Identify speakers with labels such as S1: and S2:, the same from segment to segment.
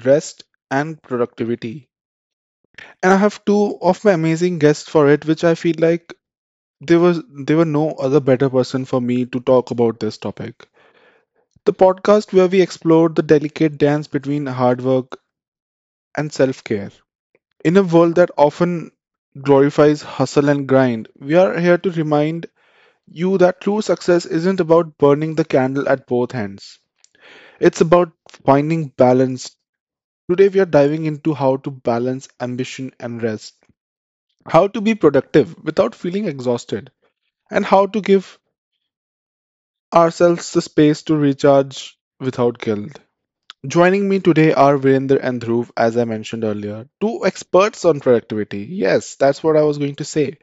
S1: rest and productivity. And I have two of my amazing guests for it, which I feel like there were no other better person for me to talk about this topic. The podcast where we explore the delicate dance between hard work and self-care. In a world that often glorifies hustle and grind, we are here to remind you that true success isn't about burning the candle at both ends. It's about finding balance. Today, we are diving into how to balance ambition and rest, how to be productive without feeling exhausted, and how to give ourselves the space to recharge without guilt. Joining me today are Virender and Dhruv, as I mentioned earlier, two experts on productivity. Yes, that's what I was going to say.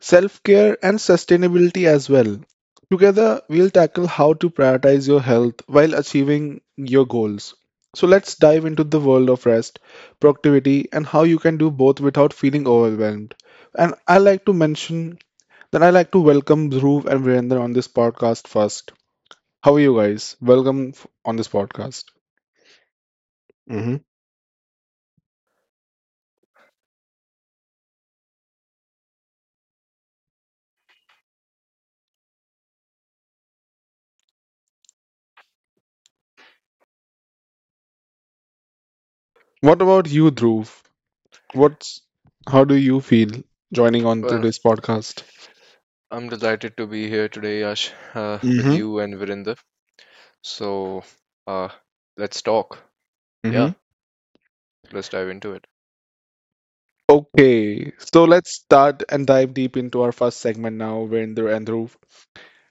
S1: Self care, and sustainability as well. Together, we'll tackle how to prioritize your health while achieving your goals. So, let's dive into the world of rest, productivity, and how you can do both without feeling overwhelmed. And I like to mention that I like to welcome Dhruv and Virender on this podcast first. How are you guys? Welcome on this podcast. hmm What about you, Dhruv? What's How do you feel joining on to
S2: Well,
S1: this podcast?
S2: I'm delighted to be here today, Yash, with
S1: hmm
S2: you and Virinder. So, uh, let's talk. Yeah, let's dive into it.
S1: Okay, so let's start and dive deep into our first segment now, Virender and Dhruv.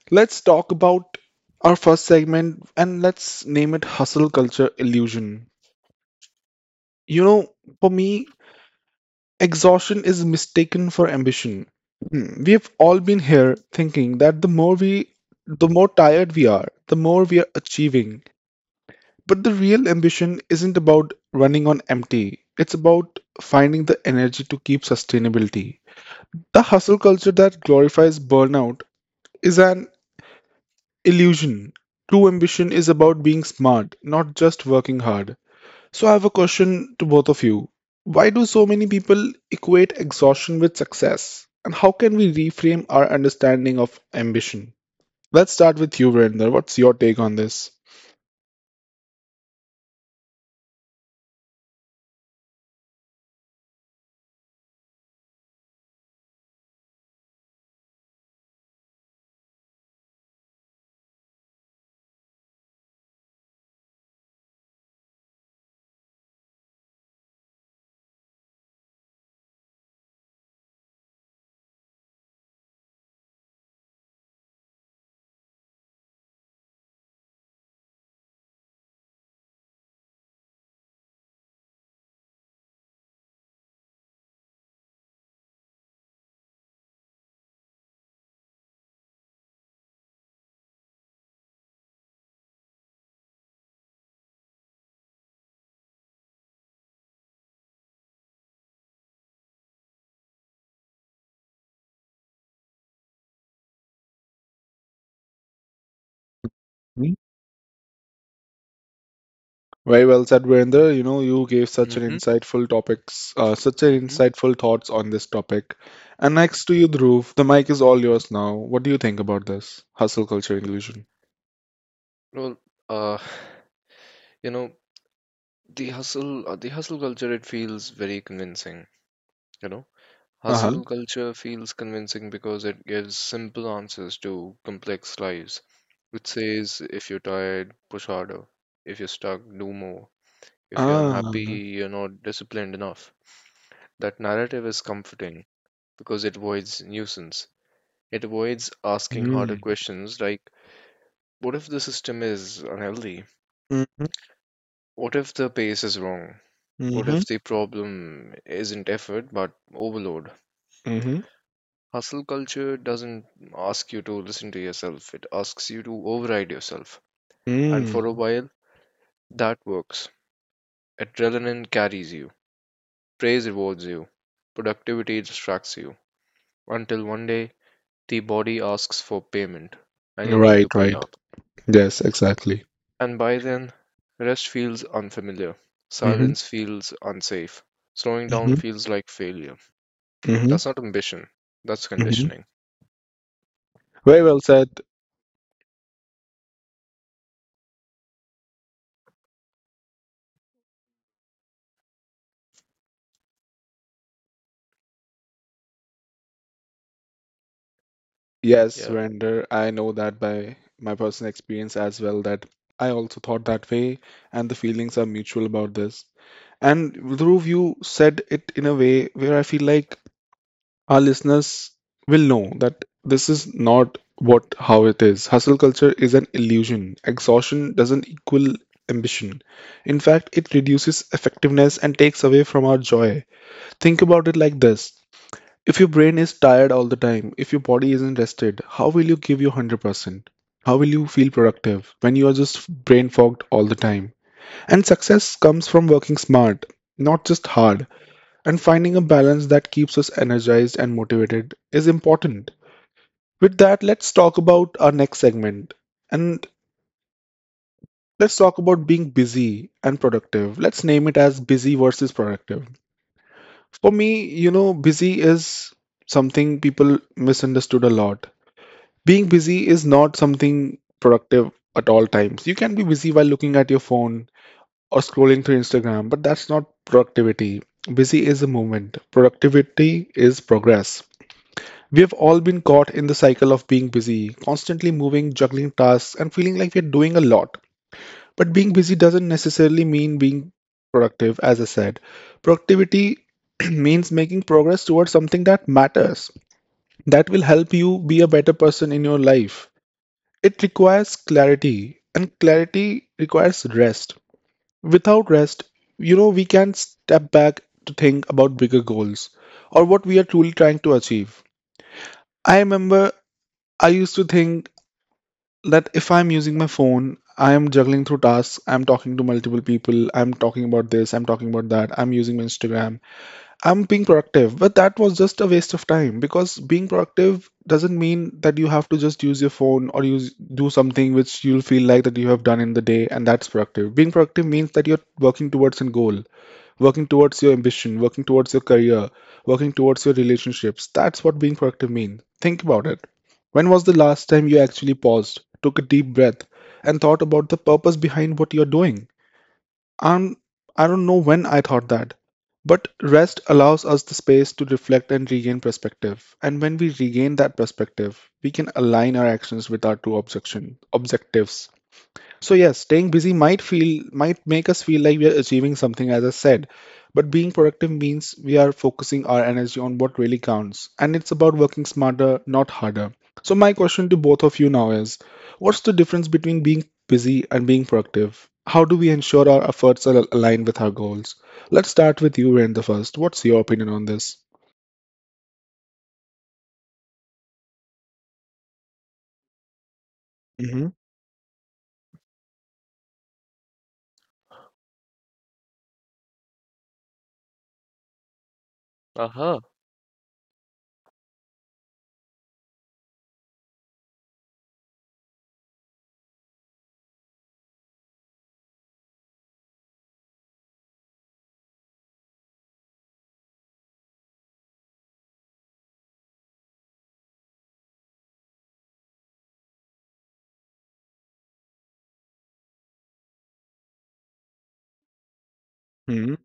S1: Let's talk about our first segment and let's name it Hustle Culture Illusion. You know, for me, exhaustion is mistaken for ambition. We have all been here thinking that the more tired we are, the more we are achieving. But the real ambition isn't about running on empty, it's about finding the energy to keep sustainability. The hustle culture that glorifies burnout is an illusion. True ambition is about being smart, not just working hard. So, I have a question to both of you. Why do so many people equate exhaustion with success? And how can we reframe our understanding of ambition? Let's start with you, Virender. What's your take on this? Very well said, Virender. You gave such an
S2: Mm-hmm.
S1: insightful topics, such an
S2: Mm-hmm.
S1: insightful thoughts on this topic. And next to you, Dhruv, the mic is all yours now. What do you think about this hustle culture illusion?
S2: Well, uh, you know, the hustle culture, it feels very convincing. You know,
S1: Uh-huh.
S2: hustle culture feels convincing because it gives simple answers to complex lives. It says, if you're tired, push harder. If you're stuck, do more. If you're unhappy,
S1: Ah.
S2: you're not disciplined enough. That narrative is comforting because it avoids nuisance. It avoids asking harder
S1: Mm.
S2: questions like what if the system is unhealthy?
S1: Mm-hmm.
S2: What if the pace is wrong? What
S1: Mm-hmm.
S2: if the problem isn't effort but overload?
S1: Mm-hmm.
S2: Hustle culture doesn't ask you to listen to yourself, it asks you to override yourself. And for a
S1: Mm.
S2: while, that works. Adrenaline carries you, praise rewards you, productivity distracts you, until one day the body asks for payment and you need
S1: Right,
S2: to pay
S1: right.
S2: up.
S1: Yes, exactly.
S2: And by then, rest feels unfamiliar.
S1: Mm-hmm.
S2: Silence feels unsafe. Slowing down
S1: Mm-hmm.
S2: feels like failure.
S1: Mm-hmm.
S2: That's not ambition, that's
S1: Mm-hmm.
S2: conditioning.
S1: Very well said. Yes,
S2: Yeah.
S1: Verinder, I know that by my personal experience as well that I also thought that way and the feelings are mutual about this. And Dhruv, you said it in a way where I feel like our listeners will know that this is not what how it is. Hustle culture is an illusion. Exhaustion doesn't equal ambition. In fact, it reduces effectiveness and takes away from our joy. Think about it like this. If your brain is tired all the time, if your body isn't rested, how will you give your 100%? How will you feel productive when you are just brain fogged all the time? And success comes from working smart, not just hard. And finding a balance that keeps us energized and motivated is important. With that, let's talk about our next segment. And let's talk about being busy and productive. Let's name it as busy versus productive. For me, busy is something people misunderstood a lot. Being busy is not something productive at all times. You can be busy while looking at your phone or scrolling through Instagram, but that's not productivity. Busy is a moment, productivity is progress. We have all been caught in the cycle of being busy, constantly moving, juggling tasks, and feeling like we're doing a lot. But being busy doesn't necessarily mean being productive, as I said. Productivity means making progress towards something that matters, that will help you be a better person in your life. It requires clarity, and clarity requires rest. Without rest, we can step back to think about bigger goals or what we are truly trying to achieve. I remember I used to think that if I'm using my phone, I am juggling through tasks, I'm talking to multiple people, I'm talking about this, I'm talking about that, I'm using my Instagram. I'm being productive, but that was just a waste of time because being productive doesn't mean that you have to just use your phone or use do something which you'll feel like that you have done in the day and that's productive. Being productive means that you're working towards a goal, working towards your ambition, working towards your career, working towards your relationships. That's what being productive means. Think about it. When was the last time you actually paused, took a deep breath, and thought about the purpose behind what you're doing? I'm, I don't know when I thought that, but rest allows us the space to reflect and regain perspective. And when we regain that perspective, we can align our actions with our two objectives. So yes, staying busy might make us feel like we are achieving something, as I said. But being productive means we are focusing our energy on what really counts, and it's about working smarter, not harder. So my question to both of you now is, what's the difference between being busy and being productive? How do we ensure our efforts are aligned with our goals? Let's start with you, Rain, the first. What's your opinion on this? Mm-hmm.
S2: Aha.
S1: Mm-hmm.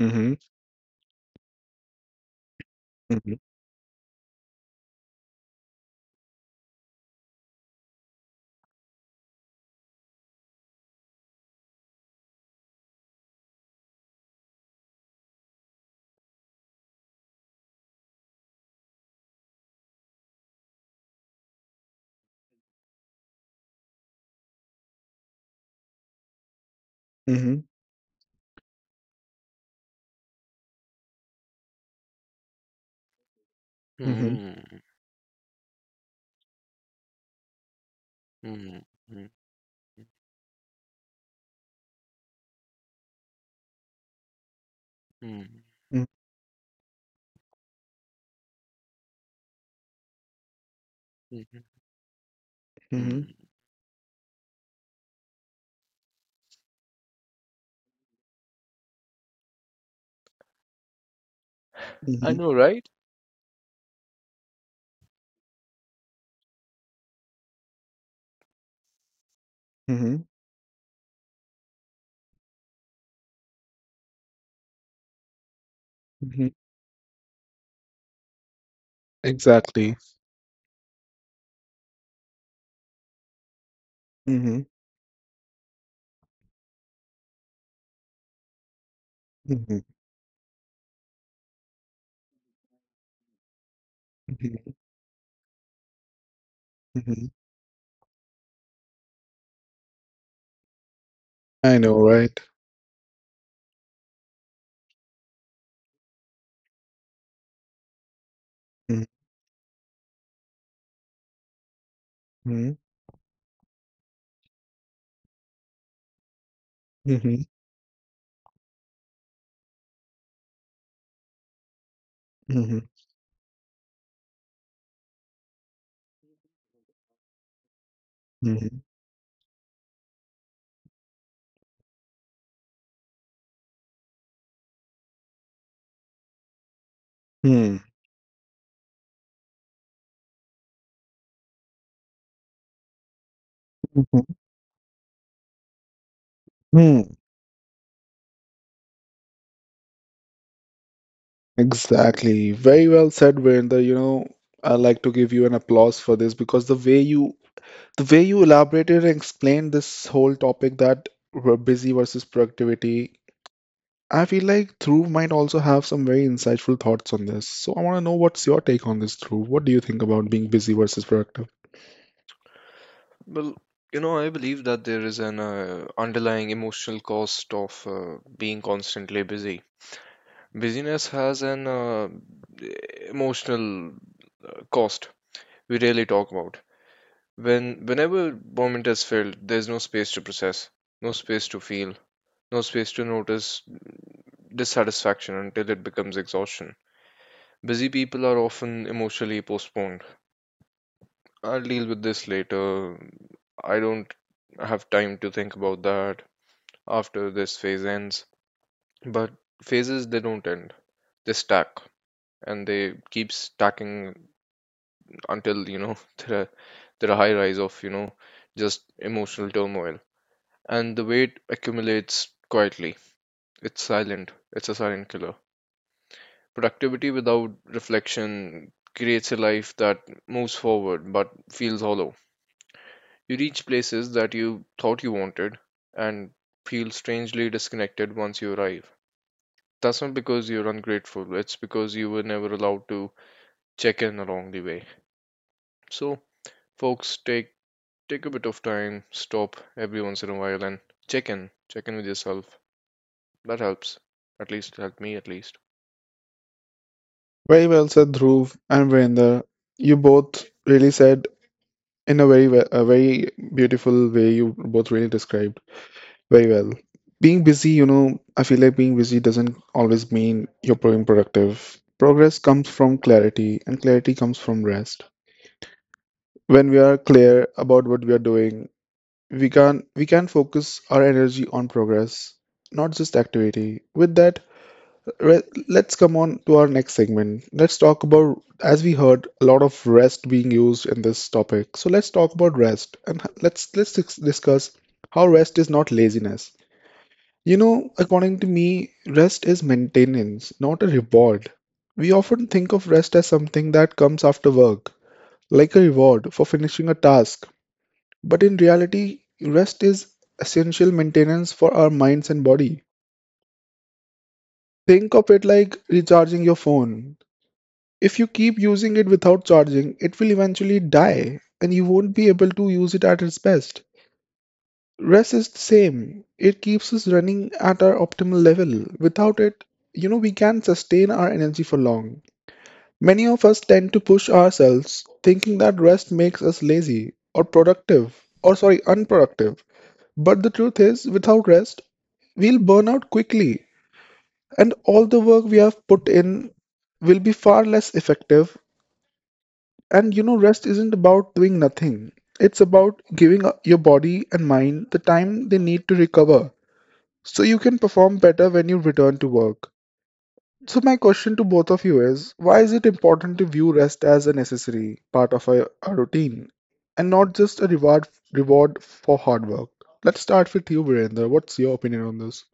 S1: Mm-hmm. Mm-hmm. Mm-hmm. Mm-hmm.
S2: Hmm. Hmm. Hmm. Hmm. Hmm. Hmm.
S1: Mm-hmm.
S2: I
S1: Mm-hmm.
S2: know, right?
S1: Mm-hmm. Exactly. Mhm, mhm, mhm, mhm. I know, right? Mhm, mhm, mhm, mhm. Hmm, mhm, hmm. Exactly. Very well said, Virender. I like to give you an applause for this because the way you elaborated and explained this whole topic that we're busy versus productivity I feel like Dhruv might also have some very insightful thoughts on this. So I want to know what's your take on this, Dhruv. What do you think about being busy versus productive?
S2: Well, I believe that there is an underlying emotional cost of being constantly busy. Busyness has an emotional cost we rarely talk about. Whenever moment is filled, there's no space to process, no space to feel, no space to notice dissatisfaction until it becomes exhaustion. Busy people are often emotionally postponed. I'll deal with this later. I don't have time to think about that after this phase ends. But phases they don't end. They stack and they keep stacking until, there are there are high rise of, just emotional turmoil. And the weight accumulates quietly. It's silent. It's a silent killer. Productivity without reflection creates a life that moves forward but feels hollow. You reach places that you thought you wanted and feel strangely disconnected once you arrive. That's not because you're ungrateful, it's because you were never allowed to check in along the way. So, folks, take a bit of time, stop every once in a while and check in. Check in with yourself. That helps. At least helped me at least.
S1: Very well said, Dhruv and Virender. You both really said in a very, a very beautiful way. You both really described. Very well. Being busy, I feel like being busy doesn't always mean you're being productive. Progress comes from clarity, and clarity comes from rest. When we are clear about what we are doing, we can focus our energy on progress, not just activity. With that, let's come on to our next segment. Let's talk about, as we heard, a lot of rest being used in this topic. So let's talk about rest, and discuss how rest is not laziness. According to me, rest is maintenance, not a reward. We often think of rest as something that comes after work, like a reward for finishing a task. But in reality, rest is essential maintenance for our minds and body. Think of it like recharging your phone. If you keep using it without charging, it will eventually die and you won't be able to use it at its best. Rest is the same. It keeps us running at our optimal level. Without it, we can't sustain our energy for long. Many of us tend to push ourselves, thinking that rest makes us lazy or productive, or sorry, unproductive. But the truth is, without rest, we'll burn out quickly, and all the work we have put in will be far less effective. And rest isn't about doing nothing. It's about giving your body and mind the time they need to recover. So you can perform better when you return to work. So, my question to both of you is why is it important to view rest as a necessary part of a routine and not just a reward for hard work? Let's start with you, Virender. What's your opinion on this?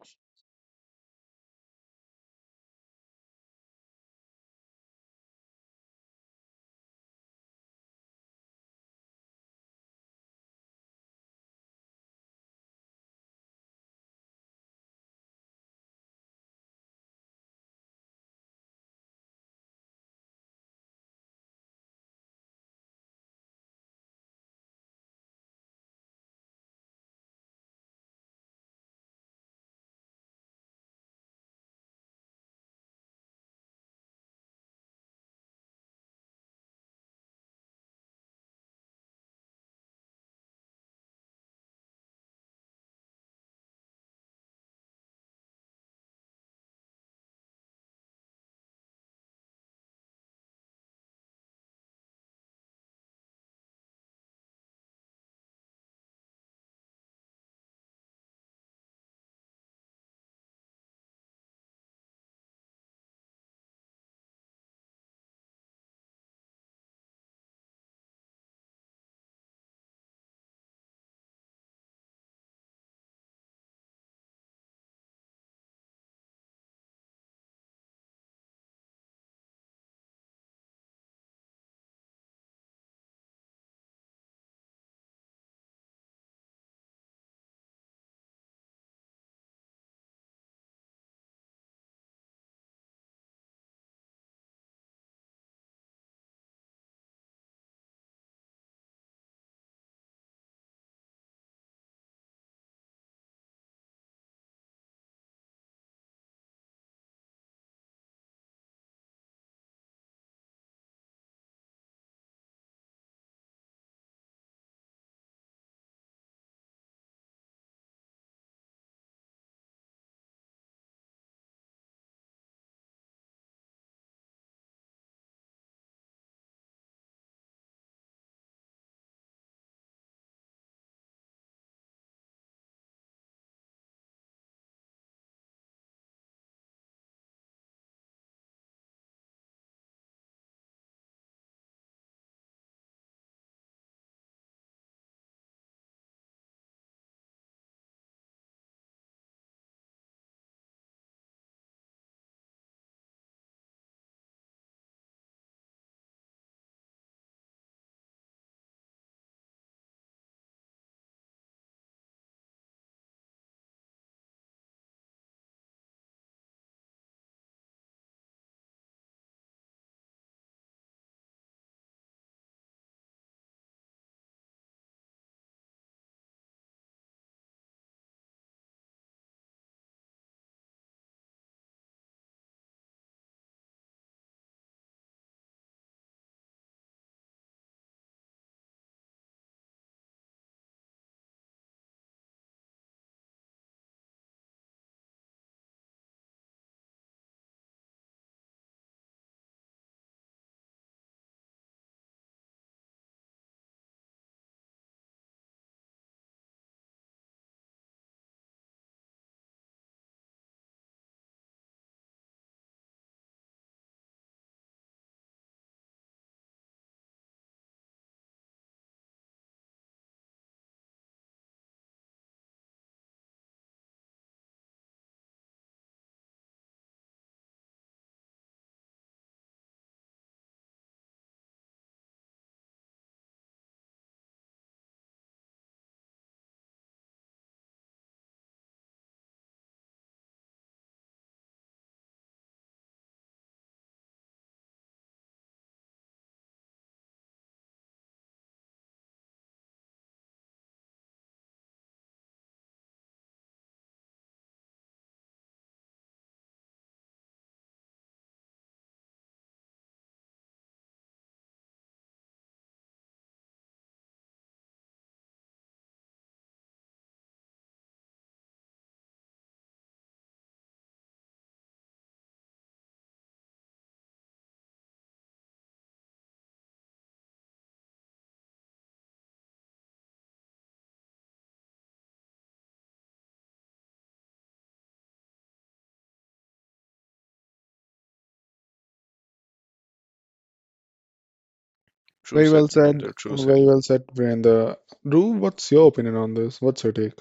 S2: True
S1: Very
S2: said,
S1: well said.
S2: Virender. True said.
S1: Very well said, Virender. Dhruv, what's your opinion on this? What's your take?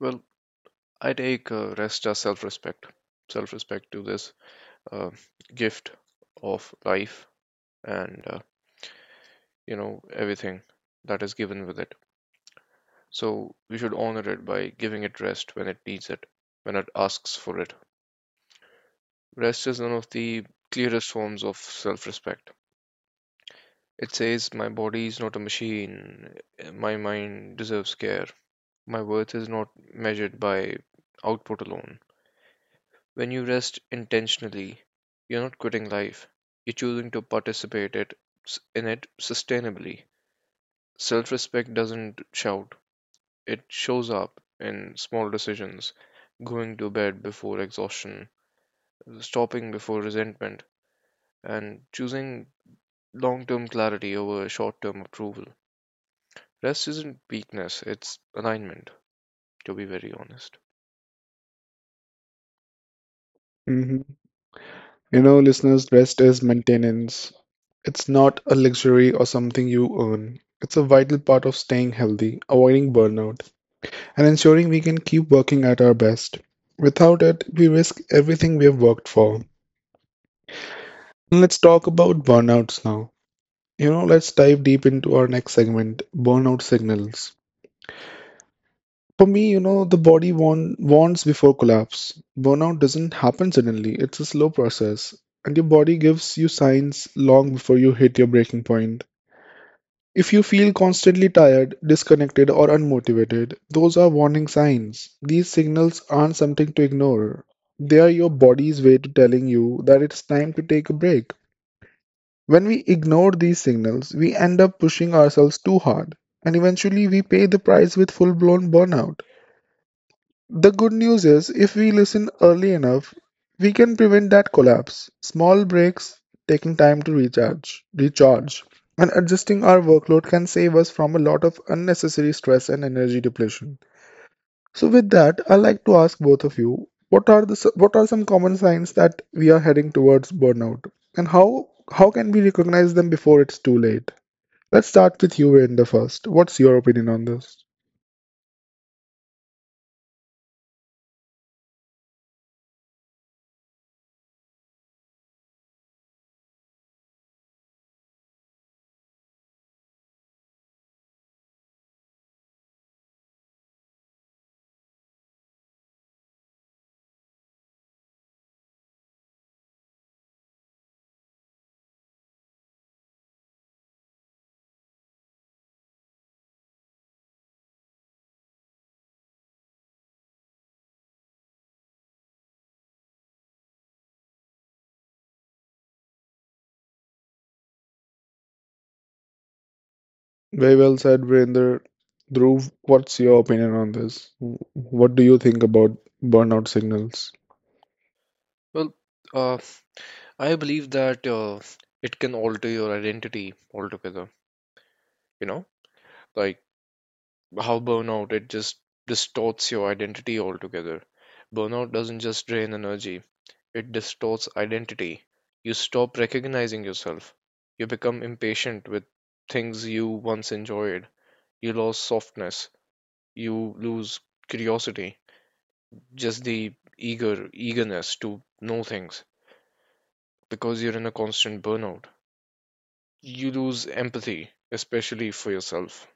S2: Well, I take rest as self respect. Self respect to this uh, gift of life and, everything that is given with it. So we should honor it by giving it rest when it needs it, when it asks for it. Rest is one of the clearest forms of self respect. It says, my body is not a machine, my mind deserves care, my worth is not measured by output alone. When you rest intentionally, you're not quitting life. You're choosing to participate in it sustainably. Self-respect doesn't shout. It shows up in small decisions, going to bed before exhaustion, stopping before resentment, and choosing long-term clarity over short-term approval. Rest isn't weakness, it's alignment, to be very honest.
S1: hmm Listeners, rest is maintenance. It's not a luxury or something you earn. It's a vital part of staying healthy, avoiding burnout, and ensuring we can keep working at our best. Without it, we risk everything we have worked for. And let's talk about burnouts now. Let's dive deep into our next segment burnout signals. For me, the body warns before collapse. Burnout doesn't happen suddenly, it's a slow process, and your body gives you signs long before you hit your breaking point. If you feel constantly tired, disconnected, or unmotivated, those are warning signs. These signals aren't something to ignore. They are your body's way to telling you that it's time to take a break. When we ignore these signals, we end up pushing ourselves too hard, and eventually we pay the price with full blown burnout. The good news is, if we listen early enough, we can prevent that collapse. Small breaks, taking time to recharge, and adjusting our workload can save us from a lot of unnecessary stress and energy depletion. So, with that, I'd like to ask both of you, what are some common signs that we are heading towards burnout, and how can we recognize them before it's too late? Let's start with you, Virender, first. What's your opinion on this? Very well said, Virender. Dhruv, what's your opinion on this? What do you think about burnout signals?
S2: Well, uh, I believe that it can alter your identity altogether, you know? Like how burnout, it just distorts your identity altogether. Burnout doesn't just drain energy, it distorts identity. You stop recognizing yourself. You become impatient with things you once enjoyed. You lose softness. You lose curiosity. Just the eagerness to know things because you're in a constant burnout. You lose empathy, especially for yourself.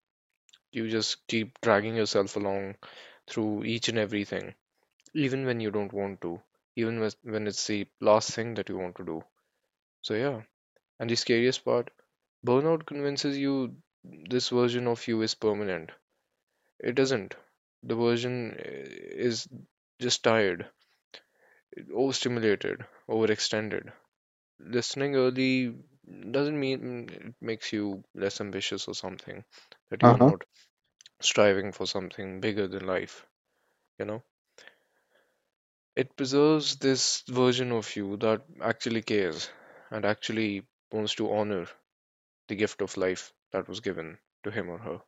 S2: You just keep dragging yourself along through each and everything, even when you don't want to, even when it's the last thing that you want to do. So, yeah. And the scariest part, burnout convinces you this version of you is permanent. It isn't. The version is just tired, overstimulated, overextended. Listening early doesn't mean it makes you less ambitious or something, that
S1: Uh
S2: you're
S1: huh.
S2: not striving for something bigger than life, you know? It preserves this version of you that actually cares and actually wants to honor the gift of life that was given to him or her.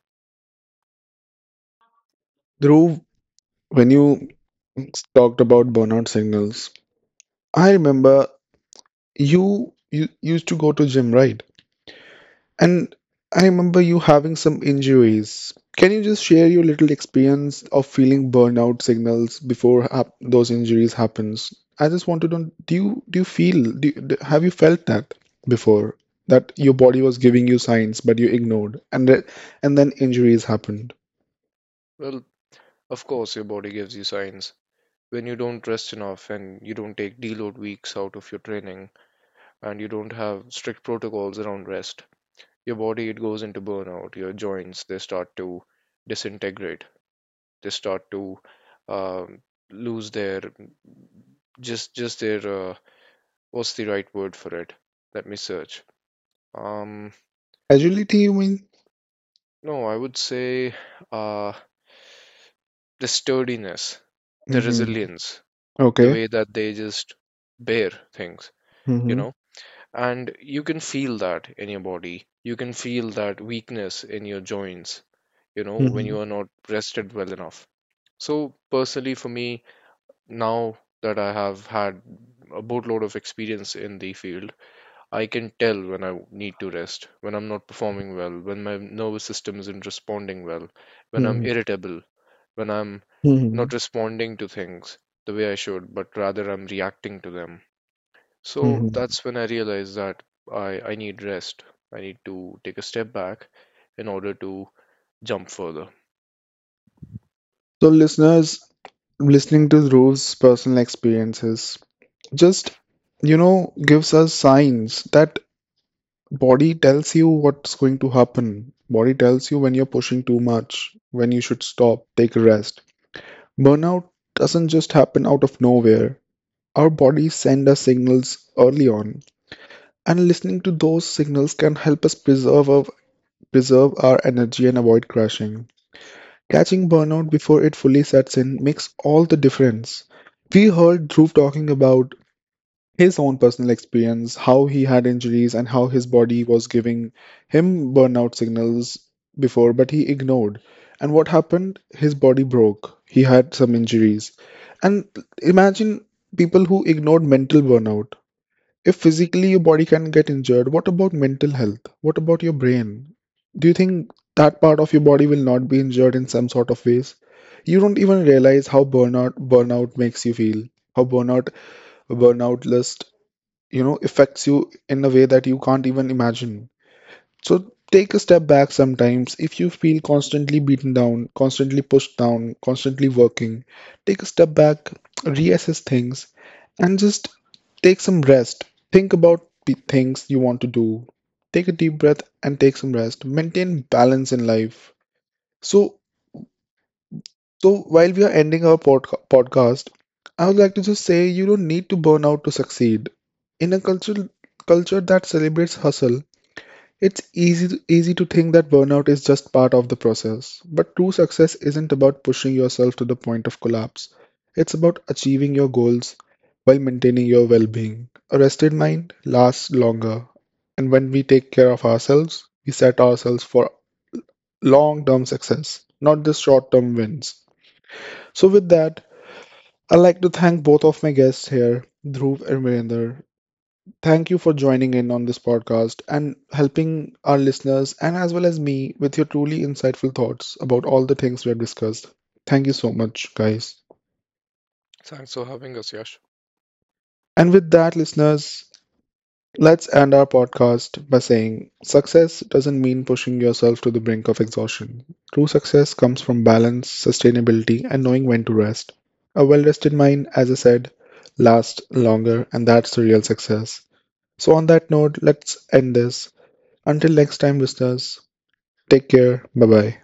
S1: Dhruv, when you talked about burnout signals, I remember you used to go to gym, right? And I remember you having some injuries. Can you just share your little experience of feeling burnout signals before hap those injuries happens? I just want to know, do you feel do, you- d have you felt that before that your body was giving you signs but you ignored and then injuries happened?
S2: Well, of course, your body gives you signs. When you don't rest enough and you don't take deload weeks out of your training and you don't have strict protocols around rest, your body it goes into burnout. Your joints they start to disintegrate. They start to um, lose their just their what's the right word for it? Let me search. Um,
S1: Agility, you mean?
S2: no, I would say uh, the sturdiness, the
S1: Mm-hmm.
S2: resilience, the
S1: Okay.
S2: way that they just bear things, you
S1: Mm-hmm.
S2: know? And you can feel that in your body. You can feel that weakness in your joints, when
S1: Mm-hmm.
S2: you are not rested well enough. So, personally, for me, now that I have had a boatload of experience in the field, I can tell when I need to rest, when I'm not performing well, when my nervous system isn't responding well, when I'm
S1: Mm-hmm.
S2: irritable, when I'm
S1: Mm-hmm.
S2: not responding to things the way I should, but rather I'm reacting to them. So
S1: Mm-hmm.
S2: that's when I realize that I need rest. I need to take a step back in order to jump further.
S1: So listeners, listening to Dhruv's personal experiences just gives us signs that body tells you what's going to happen. Body tells you when you're pushing too much, when you should stop, take a rest. Burnout doesn't just happen out of nowhere. Our bodies send us signals early on, and listening to those signals can help us preserve our energy and avoid crashing. Catching burnout before it fully sets in makes all the difference. We heard Dhruv talking about his own personal experience, how he had injuries, and how his body was giving him burnout signals before, but he ignored. And what happened? His body broke. He had some injuries. And imagine people who ignored mental burnout. If physically your body can get injured, what about mental health? What about your brain? Do you think that part of your body will not be injured in some sort of ways? You don't even realize how burnout makes you feel, how burnout list affects you in a way that you can't even imagine. So take a step back. Sometimes if you feel constantly beaten down, constantly pushed down, constantly working, take a step back, reassess things, and just take some rest. Think about the things you want to do, take a deep breath, and take some rest. Maintain balance in life. So so while we are ending our podcast, I would like to just say you don't need to burn out to succeed. In a culture that celebrates hustle, it's easy to, easy to think that burnout is just part of the process. But true success isn't about pushing yourself to the point of collapse. It's about achieving your goals while maintaining your well-being. A rested mind lasts longer, and when we take care of ourselves, we set ourselves for long-term success, not just short-term wins. So with that, I'd like to thank both of my guests here, Dhruv and Virender. Thank you for joining in on this podcast and helping our listeners and as well as me with your truly insightful thoughts about all the things we have discussed. Thank you so much, guys.
S2: Thanks for having us, Yash.
S1: And with that, listeners, let's end our podcast by saying success doesn't mean pushing yourself to the brink of exhaustion. True success comes from balance, sustainability, and knowing when to rest. A well rested mind, as I said, lasts longer, and that's the real success. So, on that note, let's end this. Until next time, listeners, take care. Bye bye.